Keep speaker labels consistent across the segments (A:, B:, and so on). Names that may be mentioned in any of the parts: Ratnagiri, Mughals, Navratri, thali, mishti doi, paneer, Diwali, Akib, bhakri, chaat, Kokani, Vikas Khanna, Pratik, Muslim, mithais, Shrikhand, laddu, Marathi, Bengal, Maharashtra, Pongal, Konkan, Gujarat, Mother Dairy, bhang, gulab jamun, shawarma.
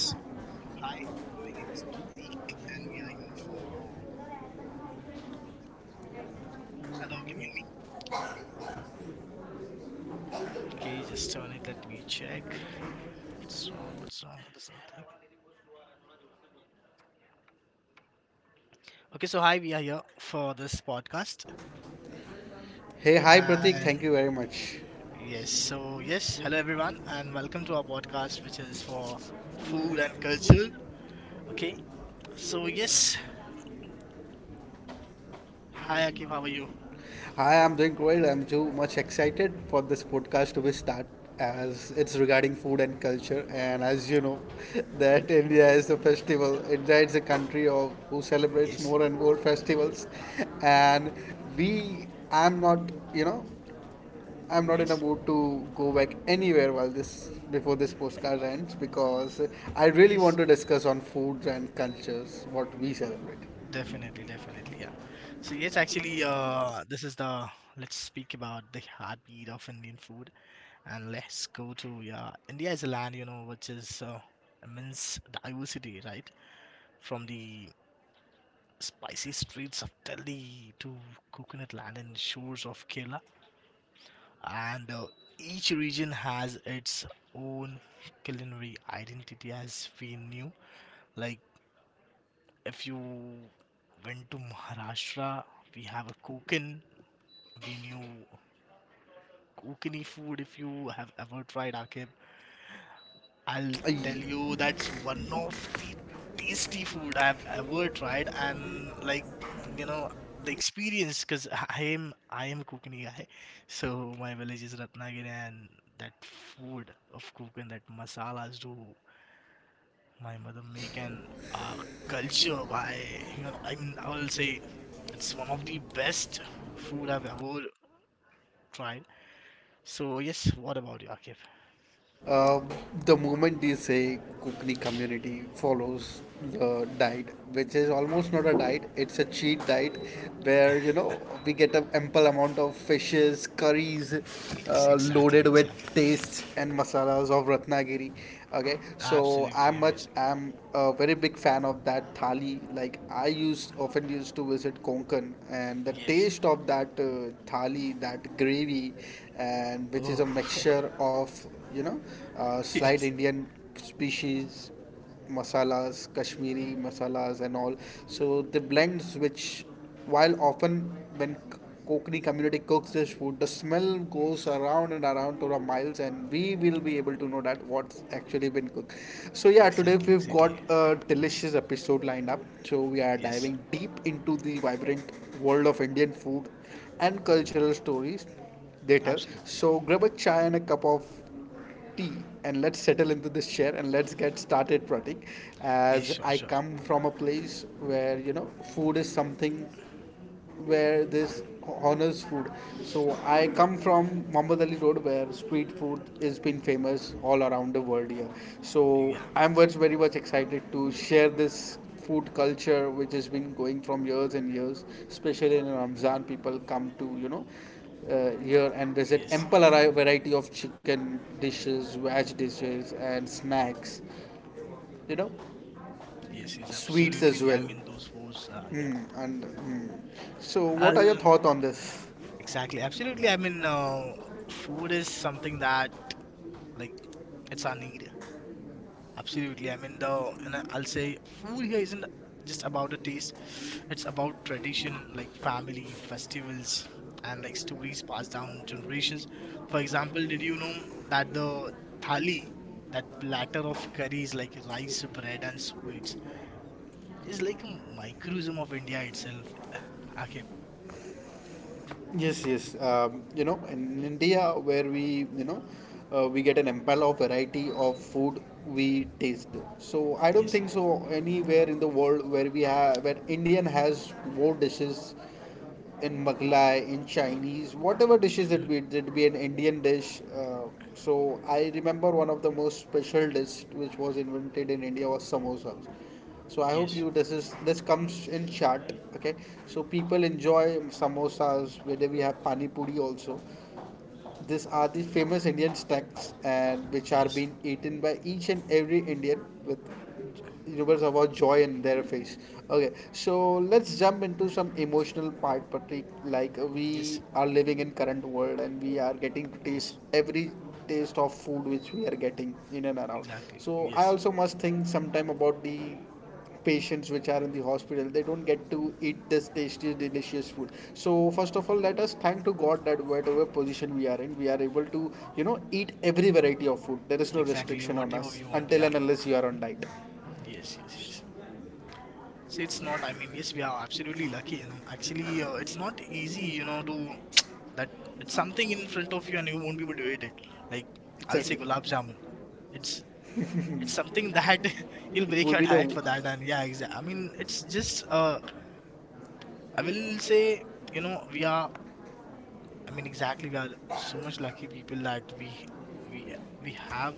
A: Yes, so hi, my name is Pratik and we are here for. Hello, can you hear me? Okay, just turn it, let me check. What's wrong? What's wrong with this whole thing? Okay, so hi, we are here for this podcast.
B: Hey, hi Pratik, thank
A: And
B: you very much.
A: yes, so yes, hello everyone and welcome to our podcast which is for food and culture. Okay. So yes. Hi Akib, how are you?
B: Hi, I'm doing great. I'm too much excited for this podcast to be start as it's regarding food and culture and as you know that India is a festival. India is a country of who celebrates
A: Yes,
B: more and more festivals and we I'm not, you know, I'm not in a
A: yes,
B: mood to go back anywhere while this before this postcard ends because I really
A: yes.
B: want to discuss on foods and cultures what we celebrate.
A: Definitely, definitely, yeah. This is the, let's speak about the heartbeat of Indian food. And let's go to, yeah, India is a land, which is, immense diversity, right? From the spicy streets of Delhi to coconut land and shores of Kerala. And each region has its own culinary identity, as we knew. Like if you went to Maharashtra, we have a Kokan. We knew Kokani food. If you have ever tried, Akib, I'll tell you that's one of the tasty food I've ever tried. And like, you know the experience, because I am a Konkani guy. So my village is Ratnagiri, and that food of Konkan, that masalas do my mother make. And uh, culture, why, I mean, I will say it's one of the best food I've ever tried. So yes, what about you, Akif?
B: Um, the moment you say Kukni community follows the diet, which is almost not a diet, it's a cheat diet where you know we get an ample amount of fishes, curries
A: Yes, exactly,
B: loaded with
A: exactly, man.
B: tastes and masalas of Ratnagiri. Okay, so
A: Absolutely amazing.
B: I'm a very big fan of that thali. Like I used often used to visit Konkan, and the
A: Yes.
B: taste of that thali, that gravy, and which is a
A: Oh,
B: mixture of you know, slight
A: yes.
B: Indian species, masalas, Kashmiri masalas, and all. So the blends, which while often when Kokani community cooks this food, the smell goes around and around to the miles, and we will be able to know that what's actually been cooked. So yeah, today
A: Exactly,
B: we've got
A: exactly.
B: a delicious episode lined up. So we are
A: Yes,
B: diving deep into the vibrant world of Indian food and cultural stories they tell.
A: absolutely. Yeah.
B: So grab a chai and a cup of tea and let's settle into this chair and let's get started, Pratik.
A: Yes,
B: As
A: sure,
B: I
A: sure.
B: come from a place where, you know, food is something where this honors food. So I come from Muhammad Ali Road where street food has been famous all around the world here. So
A: Yeah.
B: I'm very, very much excited to share this food culture which has been going from years and years, especially in ramzan people come to here and visit
A: Yes.
B: ample variety of chicken dishes, veg dishes and snacks, you know,
A: Yes, yes,
B: sweets as
A: absolutely. I
B: well.
A: mean, those foods. Yeah.
B: Hmm, and hmm. So
A: Uh,
B: what are your thoughts on this?
A: exactly. Absolutely. I mean, food is something that, like, it's our need. Absolutely. I mean, the, and I'll say food here isn't just about the taste. It's about tradition, like family, festivals, and like stories passed down generations. For example, did you know that the thali, that platter of curries like rice, bread, and sweets, is like a microcosm of India itself. Okay.
B: Yes, yes. You know, in India, where we, you know, we get an ample of variety of food we taste. So I don't
A: Yes.
B: think so anywhere in the world where we have where Indian has more dishes in Maghlai, in Chinese, whatever dishes it be an Indian dish. So I remember one of the most special dish which was invented in India was samosas. So I hope
A: Yes.
B: you this is this comes in chat. Okay, so people enjoy samosas, whether we have pani puri also. These are the famous indian snacks and which are
A: Yes.
B: being eaten by each and every indian with rumors about joy in their face. Okay, so let's jump into some emotional part, patrick. Like
A: Yes.
B: we are living in current world and we are getting this
A: Yes.
B: every taste of food which we are getting in and around.
A: Exactly.
B: So I
A: Yes.
B: also must think sometime about the patients which are in the hospital, they don't get to eat this tasty delicious food. So first of all, let us thank to god that whatever position we are in, we are able to, you know, eat every variety of food. There is no
A: Exactly.
B: restriction on
A: Whatever
B: us
A: we want.
B: until
A: Yeah.
B: and unless you are on diet.
A: Yes. Yes. Yes. So it's not, I mean, yes, we are absolutely lucky, actually. It's not easy, to that, it's something in front of you and you won't be able to eat it. Like I'll say
B: Exactly,
A: gulab jamun, it's it's something that you'll
B: it
A: break
B: will
A: your
B: be the.
A: diet for that. And yeah, exactly, I mean, it's just, I will say, we are, I mean, exactly, we are so much lucky people that we we have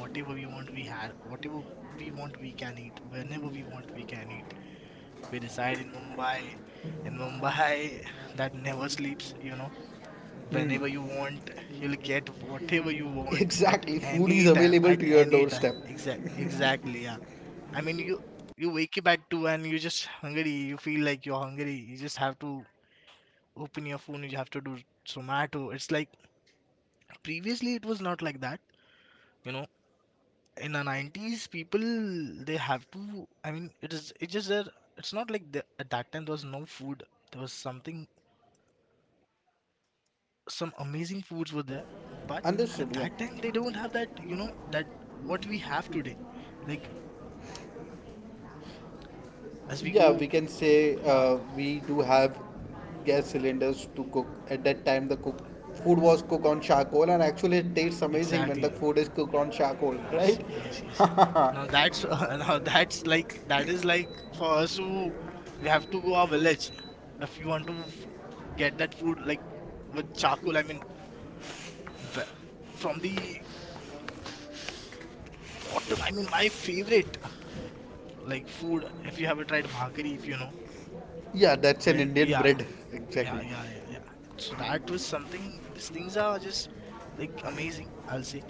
A: whatever we want. We had whatever we want, we can eat. Whenever we want, we can eat. We reside in Mumbai, and Mumbai that never sleeps, you know. Whenever you want, you'll get whatever you want at
B: Exactly,
A: any
B: food is
A: time,
B: available
A: at
B: to your
A: any time.
B: doorstep.
A: Exact, exactly, yeah. I mean, you wake up at 2 and you're just hungry. You feel like you're hungry. You just have to open your phone. You have to do Zomato. It's like previously it was not like that, you know. In the 90s, people, they have to. I mean, it is. It just that it's not like the, at that time there was no food. There was something, some amazing foods were there, but
B: Understood,
A: at
B: yeah.
A: that time they don't have that, you know, that what we have today. Like as we
B: Yeah,
A: go,
B: we can say
A: yeah,
B: we do have gas cylinders to cook. At that time, the cook food was cooked on charcoal, and actually, it tastes amazing when the
A: exactly,
B: food is cooked on charcoal,
A: yes,
B: right?
A: yes, yes. Now that's, now that's like, that is like for us who we have to go our village if we want to get that food, like with charcoal. I mean, v- from the bottom, I mean, my favorite like food, if you have tried bhakri, if you know.
B: Yeah, that's an
A: When,
B: Indian
A: yeah,
B: bread,
A: yeah,
B: exactly.
A: yeah, yeah, yeah. So that was something. These things are just like amazing, I'll say.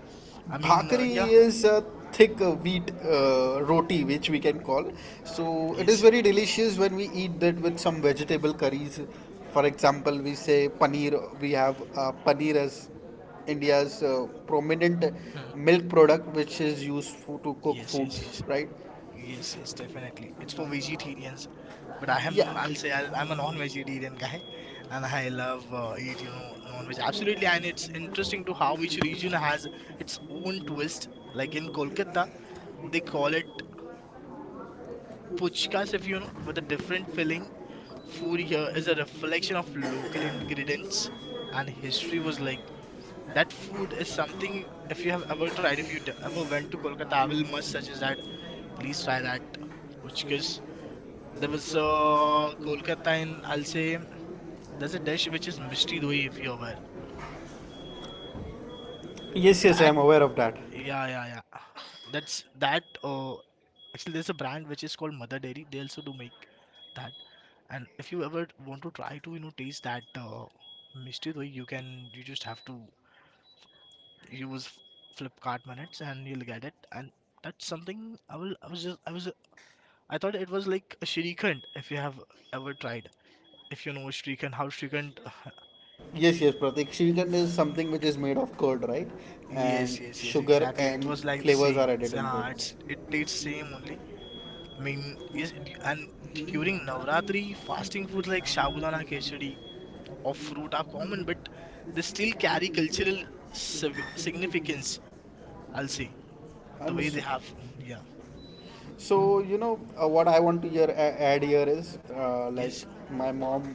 A: I mean, yeah,
B: Bhakri is a thick wheat roti, which we can call. So it is
A: yes,
B: very delicious when we eat that with some vegetable curries. For example, we say paneer. We have paneer as India's prominent
A: hmm,
B: milk product, which is used for, to
A: yes,
B: cook
A: yes, yes,
B: foods, right?
A: yes, yes. Definitely, it's for vegetarians. But I am,
B: Yeah.
A: I'll say, I'll, I'm a non-vegetarian guy, and I love, eat, you know, non-veg. Absolutely, and it's interesting to how each region has its own twist. Like in Kolkata, they call it puchkas, if you know, with a different filling. Food here is a reflection of local ingredients and history, was like that food is something. If you have ever tried, if you ever went to Kolkata, I will must suggest that please try that. Because there was, Kolkata in, I'll say, there's a dish which is mishti doi, if you're aware.
B: Yes, yes, I
A: That,
B: am aware of that.
A: yeah, yeah, yeah, that's that, actually there's a brand which is called Mother Dairy, they also do make that. And if you ever want to try to, you know, taste that, mishti doi, you can, you just have to use Flipkart minutes and you'll get it. And that's something I will. I was just. I was. I thought it was like a Shrikhand. If you have ever tried, if you know Shrikhand, how Shrikhand.
B: Yes, yes, Pratik. Shrikhand is something which is made of curd, right? And
A: Yes, yes, yes,
B: sugar
A: exactly. It
B: and
A: was like the
B: flavors
A: same.
B: are added
A: So,
B: into
A: it's, it tastes same only. I mean, yes, and during Navratri, fasting foods like shabudana khechdi
B: it.
A: or fruit are common, but they still carry cultural significance, I'll say the way they
B: Understood.
A: have. Yeah.
B: So you know, what I want to hear, add here is like
A: Yes.
B: my mom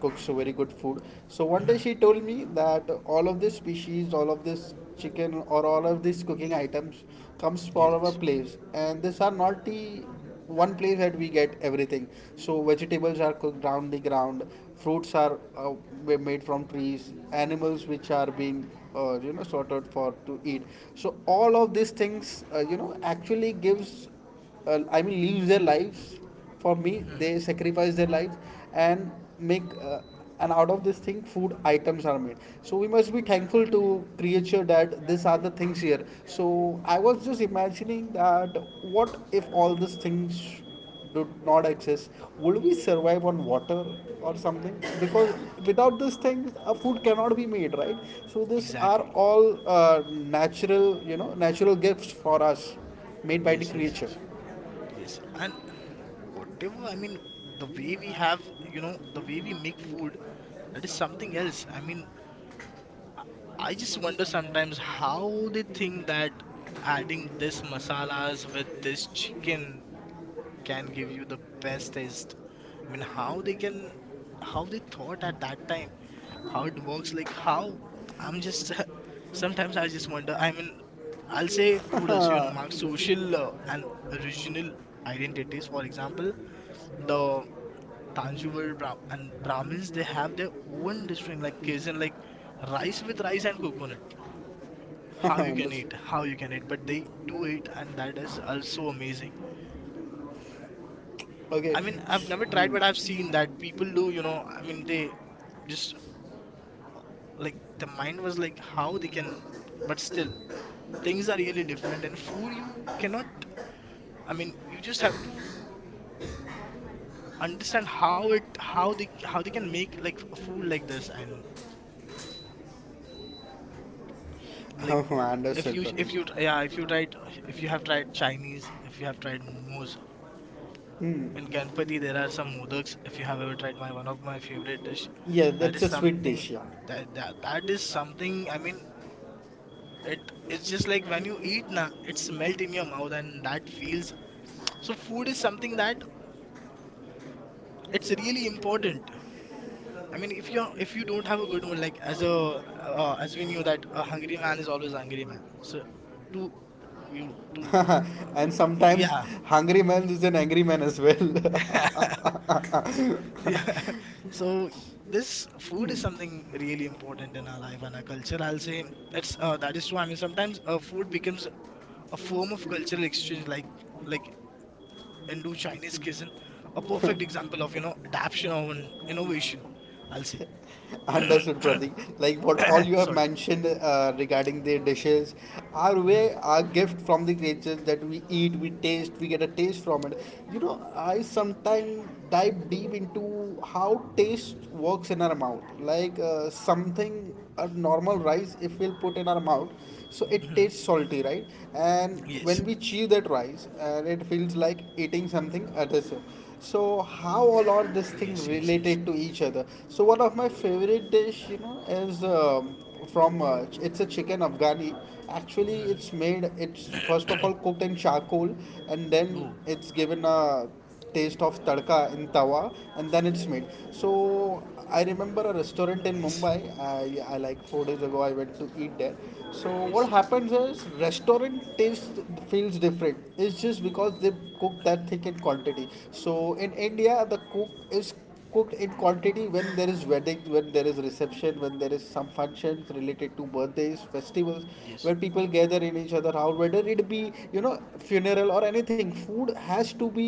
B: cooks so very good food. So one day
A: Mhm.
B: she told me that all of this species, all of this chicken, or all of these cooking items comes from
A: Yes.
B: a place, and these are not the one place that we get everything. So vegetables are cooked down the ground, fruits are were made from trees, animals which are being you know, sorted for to eat. So all of these things, you know, actually gives, I mean, live their lives for me.
A: Hmm,
B: They sacrifice their lives and make. And out of this thing, food items are made. So we must be thankful to creature that these are the things here. So I was just imagining that what if all these things do not exist? Would we survive on water or something? Because without these things, a food cannot be made, right? So these are
A: exactly.
B: all natural, you know, natural gifts for us, made by the
A: Yes, yes,
B: creature.
A: yes. Yes. And whatever, I mean, the way we have, you know, the way we make food, that is something else. I mean, I just wonder sometimes how they think that adding this masalas with this chicken can give you the best taste. I mean, how they can, how they thought at that time, how it works, like how I'm just, sometimes I just wonder. I mean, I'll say food also, you know,
B: Ha,
A: marks social, and regional identities. For example, the Tanjore Brahm and Brahmins, they have their own distinct like cuisine, like rice with rice and coconut.
B: ha,
A: How you can eat,
B: understood.
A: how you can eat, but they do it, and that is also amazing.
B: Okay.
A: I mean, I've never tried,
B: Hmm.
A: but I've seen that people do. You know, I mean, they just, like the mind was like how they can, but still things are really different. And food, you cannot. I mean, you just have to understand how it, how they, how they can make like a food like this. And like,
B: Oh,
A: if
B: understood,
A: you, if you,
B: Pratik.
A: yeah, if you tried, if you have tried Chinese, if you have tried momos, in Ganpati there are some modaks, if you have ever tried, my one of my favorite dish.
B: Yeah,
A: That
B: that's
A: is
B: a sweet
A: something
B: dish.
A: that, that, that is something, I mean, it it's just like when you eat na it's melt in your mouth and that feels. So food is something that it's really important. I mean, if you are, if you don't have a good mood, like as a, as we knew that a hungry man is always a hungry man. So to you to,
B: Yeah. And sometimes
A: yeah,
B: hungry man is an angry man as well.
A: yeah. So this food is something really important in our life and our culture. I'll say it's, that is true. I mean, sometimes, food becomes a form of cultural exchange, like Indo Chinese cuisine, a perfect example of, you know, adaptation or an innovation, I'll say.
B: Understood, Pratik. Like what all you have
A: Sorry.
B: mentioned regarding the dishes are
A: Hmm.
B: way our gift from the creatures that we eat, we taste, we get a taste from it. You know, I sometimes dive deep into how taste works in our mouth. Like something a normal rice if we'll put in our mouth, so it
A: Mhm.
B: tastes salty, right? And
A: Yes,
B: when we chew that rice and it feels like eating something adhesive, so how all are this thing
A: yes, yes, yes.
B: related to each other? So one of my favorite dish, you know, is it's a chicken afghani. Actually
A: Hmm.
B: it's made, it's first of all cooked in charcoal and then
A: Oh,
B: it's given a taste of tadka in tawa and then it's made. So I remember a restaurant in
A: nice.
B: mumbai, I like 4 days ago I went to eat there. So
A: Yes,
B: what happens is restaurant taste feels different. It's just because they cook that thick in quantity. So in india the cook is cooked in quantity when there is wedding, when there is reception, when there is some functions related to birthdays, festivals,
A: yes,
B: where people gather in each other house, whether it be you know funeral or anything, food has to be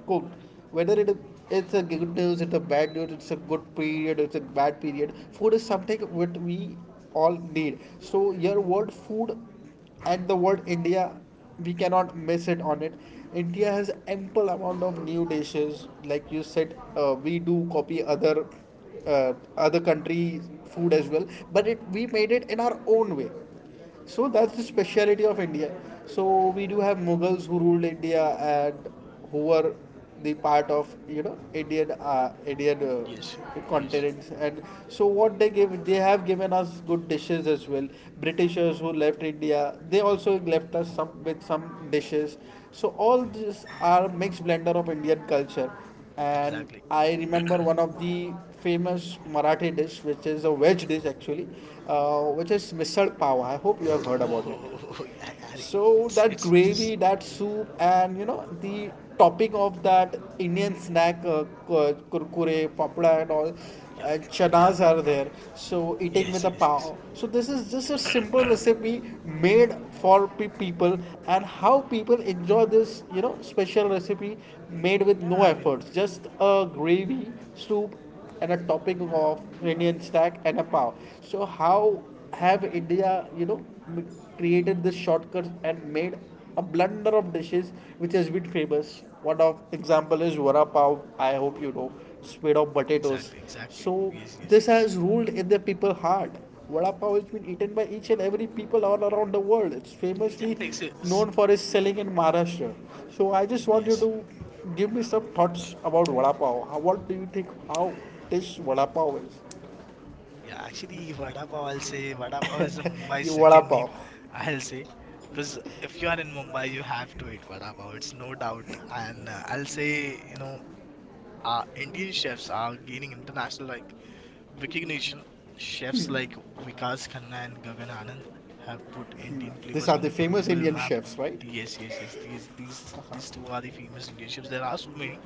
B: cooked. Whether it's a good news, it's a bad news, it's a good period, it's a bad period. Food is something what we all need. So your word food and the word India, we cannot miss it on it. India has ample amount of new dishes. Like you said, we do copy other other country food as well, but it we made it in our own way, so that's the speciality of India. So we do have Mughals who ruled India and who were the part of you know Indian Indian
A: yes, yes.
B: continents. And so what they give, they have given us good dishes as well. Britishers who left India, they also left us some with some dishes. So all these are mixed blender of Indian culture. And
A: Exactly.
B: I remember one of the famous Marathi dish, which is a veg dish actually, which is misal pav. I hope you have heard about it.
A: Oh, yeah, Harry.
B: So
A: It's
B: that
A: it's just,
B: gravy, that soup, and you know the topping of that Indian snack, kurkure, papda, and all,
A: yeah, yeah.
B: chanas are there, so eating with
A: Yes,
B: a
A: yes,
B: pav.
A: yes.
B: So this is just a simple recipe made for people, and how people enjoy this, you know, special recipe made with
A: Yeah,
B: no
A: I mean,
B: efforts, just a gravy soup and a topping of Indian stack and a pav. So how have India, you know, created this shortcut and made a blunder of dishes which has been famous. One of example is vada pav. I hope you know, it's made of
A: exactly,
B: potatoes.
A: exactly.
B: So
A: Yes, yes,
B: this
A: yes.
B: has ruled in the people's heart. Vada pav has been eaten by each and every people all around the world. It's
A: Exactly.
B: famously
A: It's,
B: known for its selling in Maharashtra. So I just want you
A: yes.
B: to give me some thoughts about vada pav. How- What do you think? How this vada pav is?
A: Yeah, actually, Vada Pav, I'll say Vada Pav is a Mumbai's
B: You vada
A: second name,
B: pav.
A: I'll say. Because if you are in Mumbai, you have to eat Vada Pav, it's no doubt. And I'll say, you know, Indian chefs are gaining international like recognition. Chefs like Vikas Khanna and Gagan Anand have put Indian
B: These
A: flavors
B: are
A: on
B: the
A: the
B: famous
A: global
B: Indian
A: map.
B: chefs, right?
A: Yes, yes, yes. These two are the famous Indian chefs. There are so many,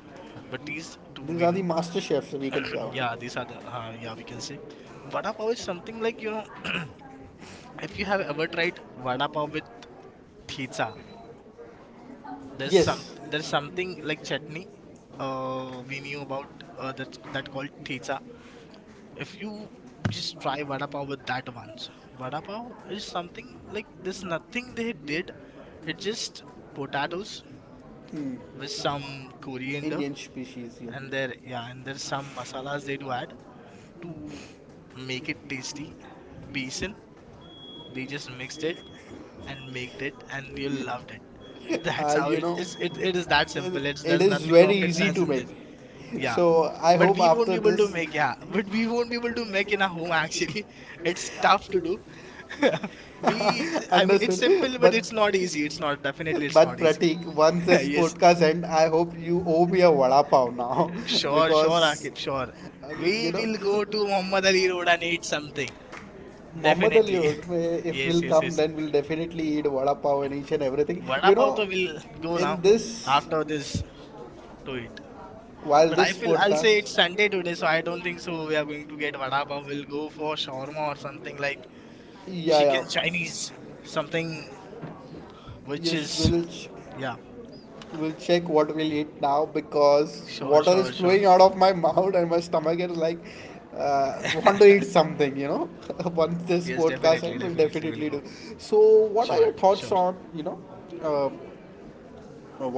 A: but these two
B: These
A: we
B: are the
A: know.
B: master chefs we can count.
A: Yeah, these are the. Yeah, we can say, vada pav is something like, you know, if you have ever tried vada pav with pizza, there's some,
B: Yes,
A: there's something like chutney. We knew about, that that called pizza. If you just try vada pav with that once, vada pav is something like there's nothing they did. It just potatoes with some coriander.
B: Indian species. Yeah.
A: And there, yeah, and there's some masalas they do add to make it tasty. Basin, they just mixed it and made it and you loved it. That's how
B: You
A: it
B: know,
A: is. It is that
B: it,
A: simple, it's,
B: it
A: there's
B: is
A: nothing
B: very
A: rocket
B: easy
A: science
B: to
A: in
B: make.
A: this. Yeah,
B: So I
A: but
B: hope
A: we won't be
B: after
A: able to
B: this.
A: make, yeah, but we won't be able to make in a home actually. It's tough to do. We, I mean, it's
B: Understood.
A: simple but
B: But
A: it's not easy. It's not, definitely it's
B: but
A: not easy.
B: Pratik, once this
A: Yes,
B: podcast end, I hope you owe me a vada pav now
A: sure, sure,
B: because
A: Akib, sure.
B: uh,
A: We
B: you know
A: will go to Muhammad Ali Road and eat something.
B: Muhammad Ali
A: Definitely.
B: Road. If
A: Yes,
B: we'll
A: yes,
B: come,
A: yes,
B: then we'll definitely eat vada pav and each and everything.
A: vada
B: You
A: pav to
B: know,
A: will go now
B: in this
A: after this to eat.
B: while
A: But I
B: this
A: feel, I'll say,
B: podcast,
A: it's Sunday today, so I don't think so we are going to get vada pav. We'll go for shawarma or something like
B: yeah,
A: chicken
B: yeah,
A: Chinese something which
B: yes,
A: is yeah.
B: we'll check what we'll eat now because
A: Sure, sure,
B: water is
A: sure.
B: flowing out of my mouth and my stomach is like, want to eat something, Once
A: Yes,
B: this
A: definitely,
B: podcast ends, we'll
A: definitely, we'll go.
B: definitely do. So, what are
A: Sure,
B: your
A: sure.
B: thoughts on, uh,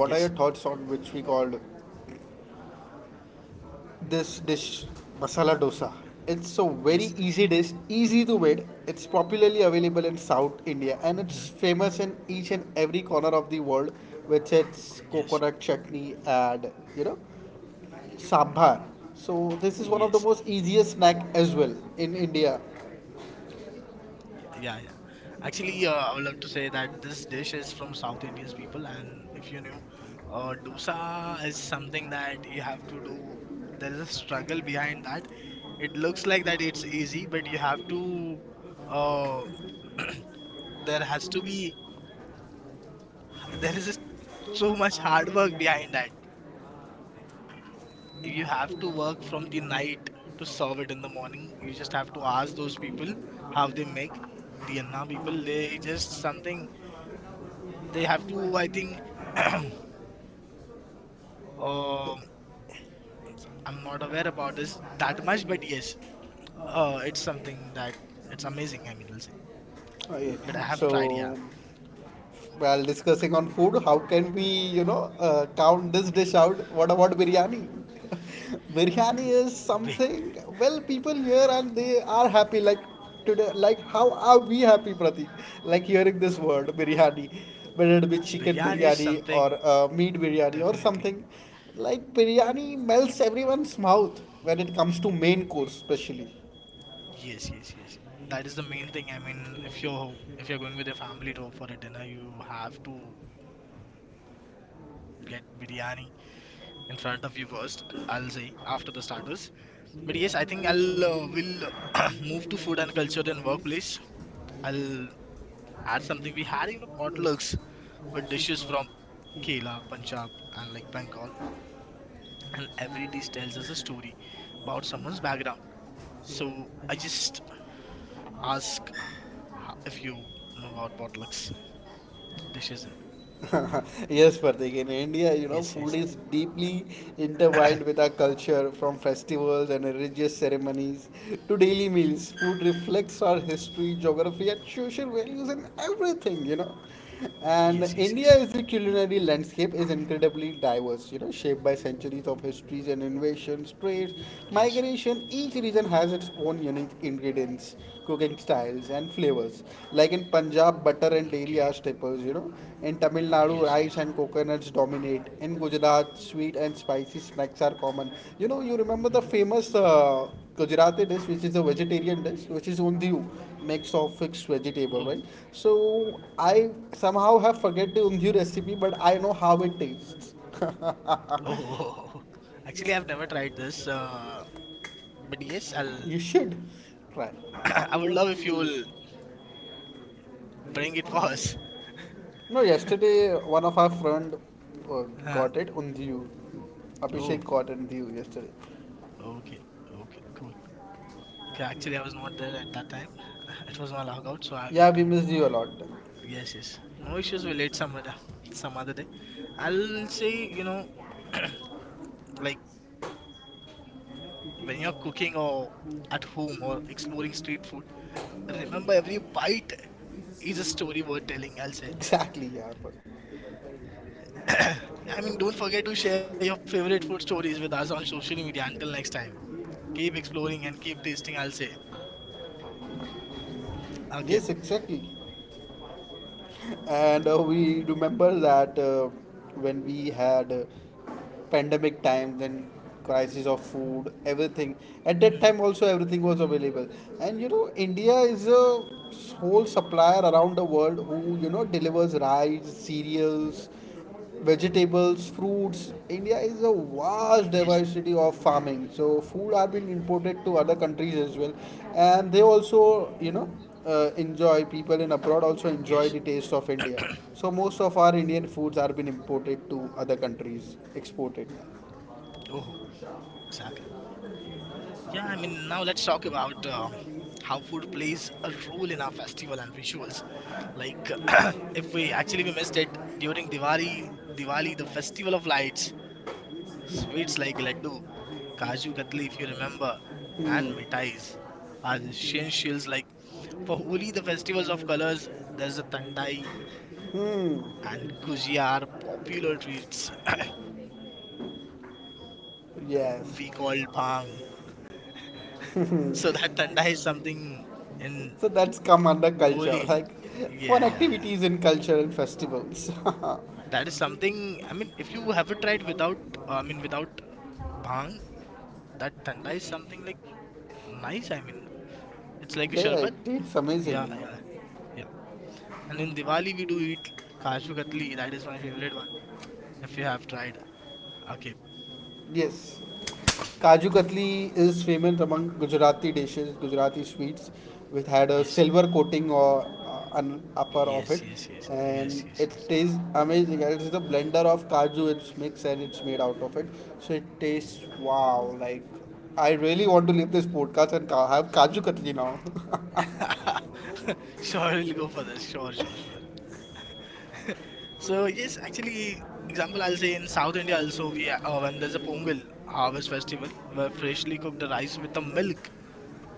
B: what are your thoughts on which we called this dish masala dosa? It's a
A: yes,
B: very easy dish, easy to make. It's popularly available in South India and
A: mhm,
B: it's famous in each and every corner of the world with its
A: yes,
B: coconut chutney and, Sambar. So this is one of
A: yes.
B: the most easiest snack as well in India.
A: Yeah, yeah. Actually, I would love to say that this dish is from South Indians people, and if you knew, dosa is something that you have to do. There is a struggle behind that. It looks like that it's easy, but you have to. Uh, there has to be. There is just so much hard work behind that. You have to work from the night to serve it in the morning. You just have to ask those people how they make the anna people. They just something they have to, I think, uh, I'm not aware about this that much, but yes, it's something that it's amazing, I mean, I'll say,
B: Okay.
A: but I have tried, yeah.
B: So while discussing on food, how can we, count this dish out? What about biryani? Biryani
A: Bi-
B: is something. Well, people here and they are happy. Like today, like how are we happy, Pratik? Like hearing this word biryani, whether it be
A: Biryani
B: chicken
A: is
B: biryani
A: something,
B: or meat biryani or
A: definitely.
B: something. Like biryani melts everyone's mouth when it comes to main course, especially.
A: Yes, yes, yes, that is the main thing. I mean, if you're going with your family to for a dinner, you have to get biryani in front of you first. I'll say after the starters. But yes, I think I'll will move to food and culture and workplace. I'll add something we had, you know,
B: Plus the
A: potlucks with
B: dishes
A: dishes
B: were
A: from
B: came.
A: Kerala, Punjab, and like Bengal, and every dish tells us a story about
B: So
A: someone's background.
B: then
A: So
B: I
A: I
B: just
A: just ask
B: asked.
A: if you know about potlucks dishes. And
B: Yes, Pratik. In India,
A: yes, yes,
B: food is deeply intertwined with our culture, from festivals and religious ceremonies to daily meals. Food reflects our history, geography, and social values, and everything, you know.
A: yes,
B: And
A: yes, yes,
B: India is the culinary landscape is incredibly diverse, you know, shaped by centuries of histories and innovations, trades,
A: yes.
B: migration. Each region has its own unique ingredients cooking styles and flavors. Like in Punjab, butter and dairy
A: Okay.
B: are staples, you know. In Tamil Nadu,
A: Yes,
B: rice
A: yes.
B: and coconuts dominate. In Gujarat, sweet and spicy snacks are common. You know, you remember the
A: Hmm.
B: famous Gujarati dish, which is a vegetarian dish, which is undiyu, mix of fixed vegetable,
A: Oh,
B: right? So I somehow have forget the undiyu recipe, but I know how it tastes.
A: oh, actually, I've never tried this. But yes, I'll.
B: You should try.
A: I would love if you will bring it for us.
B: No, yesterday one of our friend uh,
A: Huh?
B: got it, Undiyu.
A: Oh,
B: Abhishek got Undiyu yesterday.
A: okay, okay, cool. Okay, actually, I was not there at that time. It was my logout, so I
B: Yeah,
A: went
B: we
A: home.
B: missed you a lot.
A: Yes, yes. No issues. We'll eat some other day. I'll say, you know, like when you're cooking or at home or exploring street food, remember every bite is a story worth telling. I'll say.
B: Exactly, yeah.
A: I mean, don't forget to share your favorite food stories with us on social media. Until next time, keep exploring and keep tasting. I'll say. Okay.
B: Yes, exactly. And we remember that when we had pandemic time, then crisis of food,
A: Mhm.
B: everything. At that time also everything was available. And you know, India is a whole supplier around the world who you know delivers rice, cereals, vegetables, fruits. India is a
A: Yes,
B: vast diversity of farming. So food are being imported to other countries as well, and they also enjoy people in
A: yes.
B: abroad also enjoy the taste of India. So most of our Indian foods are being imported to other countries, exported.
A: Oh, exactly. Yeah, I mean, now let's talk about how food plays a role in our festival and rituals. Like, if we actually we missed it during Diwali, Diwali, the festival of lights, sweets like laddu, kaju katli, if you remember, and mithais are essentials. Like for Holi, the festivals of colors, there's a tandai and gujia are popular treats
B: Yes,
A: we call bhang. So that tanda is something in
B: so that's come under culture,
A: holy.
B: like
A: Yeah,
B: fun
A: yeah, yeah.
B: activities in culture and festivals. Yeah,
A: That is something. I mean, if you have tried without, I mean, without bhang, that tanda is something like nice. I mean, it's like a sharbat.
B: it's
A: Yeah,
B: amazing. Yeah.
A: yeah, yeah. And in Diwali we do eat kaju katli. That is my favorite one. If you have tried, okay.
B: Yes. Kaju Katli is famous among Gujarati dishes, Gujarati sweets, which had a
A: Yes,
B: silver coating or an upper of
A: yes,
B: it,
A: yes, yes, yes,
B: and
A: yes, yes.
B: it tastes amazing. It is a blender of kaju, it's mixed and it's made out of it, so it tastes wow. Like I really want to leave this podcast and have Kaju Katli now.
A: Sure, we'll go for this. Sure, sure, sure. So yes, actually, example I'll say in South India also we when there's a Pongal harvest festival where freshly cooked rice with the milk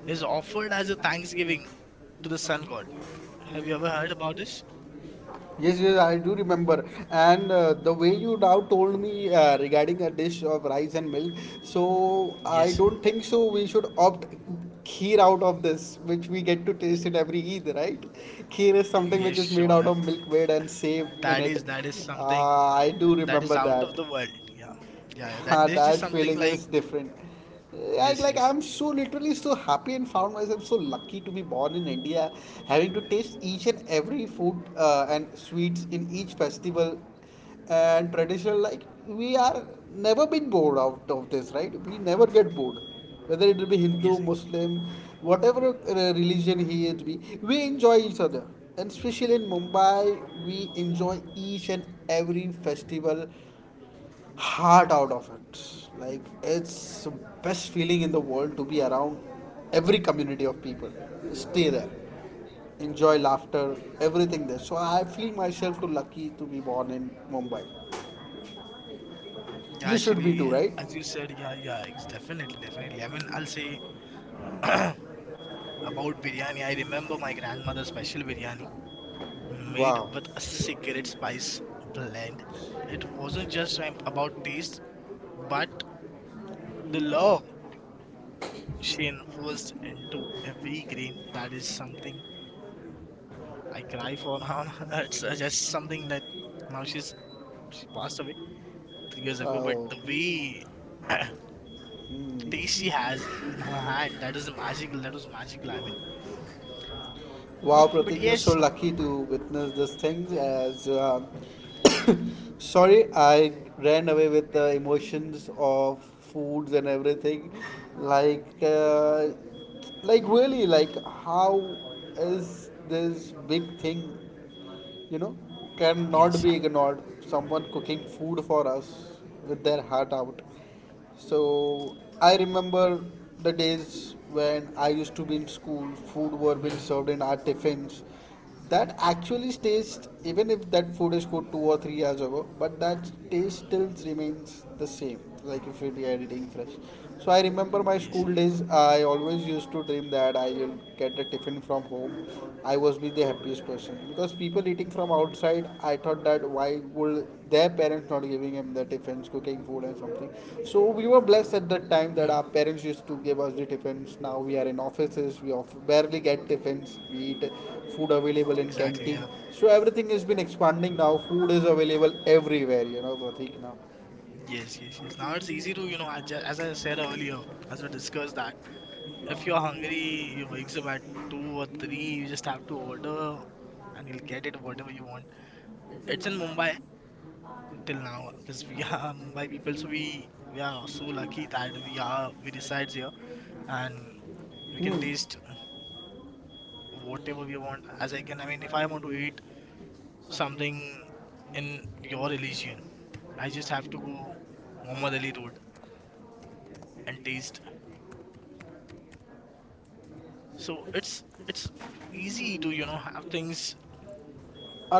A: is offered as a thanksgiving to the sun god. Have you ever heard about this?
B: Yes, yes, I do remember. And the way you now told me regarding a dish of rice and milk, so
A: Yes,
B: I don't think so. We should opt kheer out of this, which we get to taste it every Eid, right? Kheer is
A: yes,
B: something which is
A: sure.
B: made out of milk bread and save
A: That
B: in
A: is that
B: it.
A: is something
B: I do
A: that is out
B: remember
A: of the
B: that.
A: world. Yeah, yeah, yeah. That this is
B: That
A: something
B: feeling
A: like
B: is different.
A: yes, yes,
B: Like I'm so literally so happy and found myself so lucky to be born in India, having to taste each and every food and sweets in each festival and traditional. Like we are never been bored out of this, right? We never get bored, whether it will be
A: yes.
B: Hindu, Muslim, whatever religion he is, be we enjoy each other. And especially in Mumbai, we enjoy each and every festival heart out of it. Like it's the best feeling in the world to be around every community of people. Stay there, enjoy laughter, everything there. So I feel myself too lucky to be born in Mumbai.
A: Yeah,
B: You
A: actually,
B: should be too,
A: as
B: right?
A: you said, yeah, yeah, it's definitely, definitely. I mean, I'll say about biryani. I remember my grandmother's special biryani made
B: Wow.
A: with a secret spice blend. It wasn't just about taste, but the love she infused into every grain. That is something I cry for now. It's just something that now she's she passed away 3 years ago, but
B: Oh,
A: the way the taste she has in her hand, that is magical. That was magical. I mean,
B: wow,
A: but
B: Pratik, you're so
A: yes,
B: lucky to witness this thing. As sorry, I ran away with the emotions of foods and everything. Like, uh, like really, like how is this big thing? You know, cannot
A: yes,
B: be ignored. Someone cooking food for us with their heart out. So I remember the days when I used to be in school, food were being
A: hmm,
B: served in our tiffins. That actually stays, even if that food is cooked 2 or 3 years ago, but that taste still remains the same like if you're editing fresh. So I remember my
A: yes.
B: school days, I always used to dream that I will get a tiffin from home. I was be the happiest person because people eating from outside, I thought that why would their parents not giving them the tiffins cooking food and something. So we were blessed at that
A: Hmm,
B: time that our parents used to give us the tiffins. Now we are in offices, we barely get tiffins, we eat food available in
A: exactly, yeah.
B: canteen. So everything has been expanding now, food is available everywhere, you know Pratik. Now
A: Yes, yes, yes. Now it's easy to, you know, adjust, as I said earlier, as we discussed that if you're hungry, you wakes up at two or three. You just have to order, and you'll get it whatever you want. It's in Mumbai till now because we are Mumbai people, so we are so lucky that we resides here and we can taste whatever we want. As I can, I mean, if I want to eat something in your religion, I just have to go Muhammad Ali Road and taste. So it's easy to, you know, have things.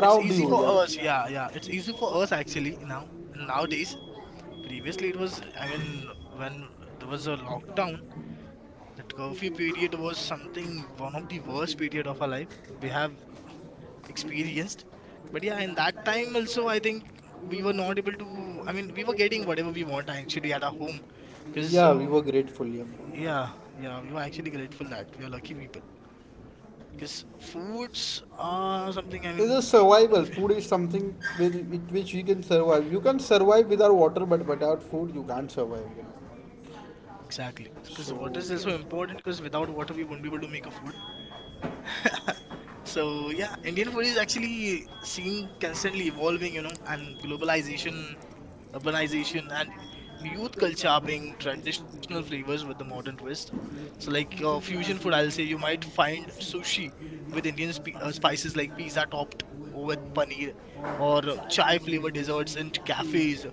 A: It's easy
B: you,
A: for us.
B: yeah.
A: Yeah, yeah. It's easy for us actually now. Nowadays, previously it was. I mean, when there was a lockdown, that curfew period was something one of the worst period of our life we have experienced. But yeah, in that time also, I think we were not able to. I mean, we were getting whatever we want actually at our home. Cause
B: Yeah, we were grateful, yeah.
A: yeah, yeah, we were actually grateful that we are lucky people. Because foods are something. I mean,
B: It's survival. Food is something with which you can survive. You can survive without water, but without food, you can't survive. You
A: exactly, because water is also important. Because without water, we won't be able to make a food. So yeah, Indian food is actually seen constantly evolving, you know, and globalization, urbanization, and youth culture being traditional flavors with the modern twist. So like fusion food, I'll say you might find sushi with Indian sp spices like pizza topped with paneer, or chai flavored desserts in cafes,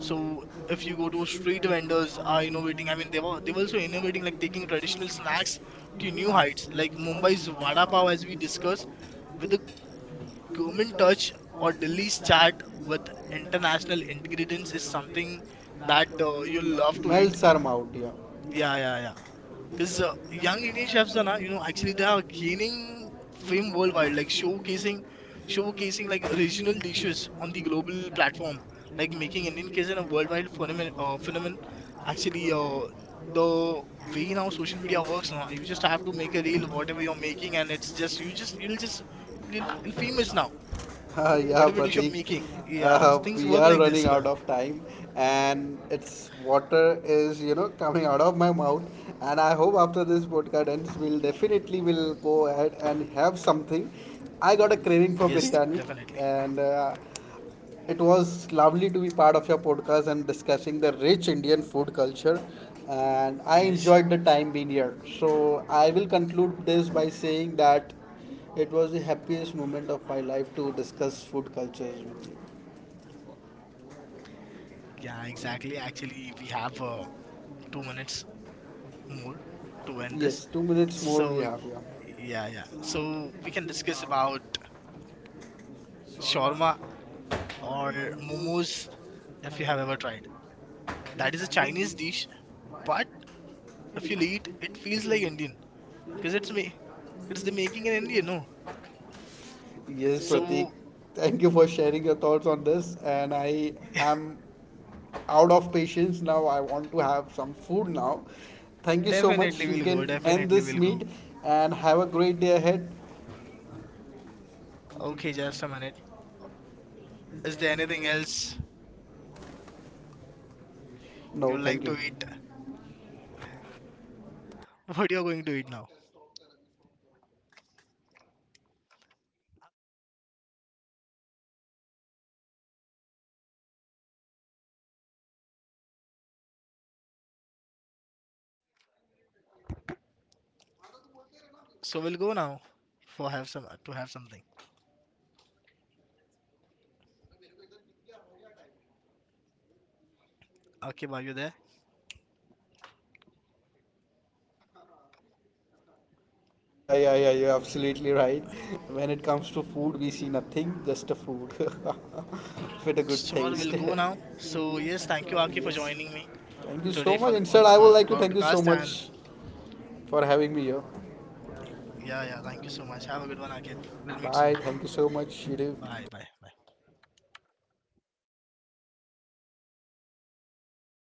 A: so if you go to street
B: know.
A: vendors are innovating, I mean they were
B: So
A: they were
B: taken
A: also
B: to be like
A: innovating like
B: taking
A: taking
B: additional
A: traditional
B: snaps
A: snacks to
B: to new
A: new
B: heights.
A: heights.
B: Like
A: Like
B: you know, what is
A: Mumbai's
B: Wada
A: Vada
B: Pav
A: Pav
B: has
A: as
B: been
A: we
B: discussed.
A: discussed with
B: You
A: a
B: you could
A: gourmet
B: touch
A: touch
B: or
A: or
B: release
A: Delhi's
B: chat
A: chaat
B: with
A: with
B: international
A: international
B: ingredients
A: ingredients
B: is
A: is
B: something
A: something
B: that
A: that
B: you will
A: you'll
B: love
A: love
B: to
A: to eat.
B: Melts are out, yeah.
A: Yeah, yeah, yeah.
B: यार
A: Because young
B: कोई
A: Indian
B: charger
A: chefs are
B: ना
A: now, you know,
B: actually
A: actually they
B: जहाँ
A: are
B: ये
A: gaining
B: फिन
A: fame
B: बोल
A: worldwide,
B: पाएँ
A: like
B: शोर कैसे
A: showcasing
B: लाइक
A: like
B: बेसुर
A: regional
B: बच्चे
A: dishes
B: अभी
A: on the
B: लोग नहीं
A: global
B: बैठे हैं
A: platform,
B: एक
A: like making
B: निकलने
A: Indian
B: के लिए
A: cuisine a
B: उनका नेट
A: worldwide
B: कोना ऑफ़ करना
A: Phenomenon.
B: पड़ता है आसन यो
A: Actually,
B: और
A: the
B: फिर
A: way
B: यहाँ
A: now
B: खुशी
A: social
B: जा
A: media works
B: रहा
A: now,
B: है
A: you just
B: ताकि
A: have
B: वो
A: to
B: लोग
A: make a reel, whatever
B: यों.
A: you're making, and it's just you'll famous now. Whatever
B: Yeah,
A: dish you're
B: Pratik,
A: making, yeah, things work
B: we
A: like
B: are
A: this way.
B: running out of time, and it's water is you know coming out of my mouth. And I hope after this podcast ends, we'll definitely will go ahead and have something. I got a
A: Yes,
B: craving for biryani,
A: definitely.
B: and it was lovely to be part of your podcast and discussing the rich Indian food culture. And I
A: Yes.
B: enjoyed the time being here. So I will conclude this by saying that it was the happiest moment of my life to discuss food cultures with you.
A: Yeah, exactly. Actually, we have 2 minutes more to end this.
B: Yes, 2 minutes more
A: So
B: we have here.
A: yeah, yeah. So we can discuss about shawarma or momos if you have ever tried. That is a Chinese dish, but if you eat, it feels like Indian because it's me. It's the making in India, no?
B: Yes, Pratik,
A: So
B: thank you for sharing your thoughts on this. And I am out of patience now. I want to have some food now. Thank you so much.
A: definitely
B: You
A: we'll go.
B: can end
A: Definitely
B: this
A: we'll go.
B: meet and have a great day ahead.
A: Okay, just a minute. Is there anything else you
B: No,
A: like
B: thank
A: to
B: you.
A: eat? What you're going to eat now? So we'll go now for have some to have something. Okay, are you there?
B: Yeah, yeah, yeah, you're absolutely right. When it comes to food, we see nothing, just a food with a good
A: Sure, we'll
B: taste.
A: go now. So, yes, thank you, Akib, for
B: Yes.
A: joining me
B: Thank you
A: today
B: so
A: for
B: much.
A: this
B: Instead, I would
A: podcast.
B: like to thank
A: And
B: you so much for having me here.
A: yeah, yeah, thank you so much. Have a good one, Akib. We'll meet soon.
B: Bye. Thank you so much. You
A: Bye,
B: do.
A: bye.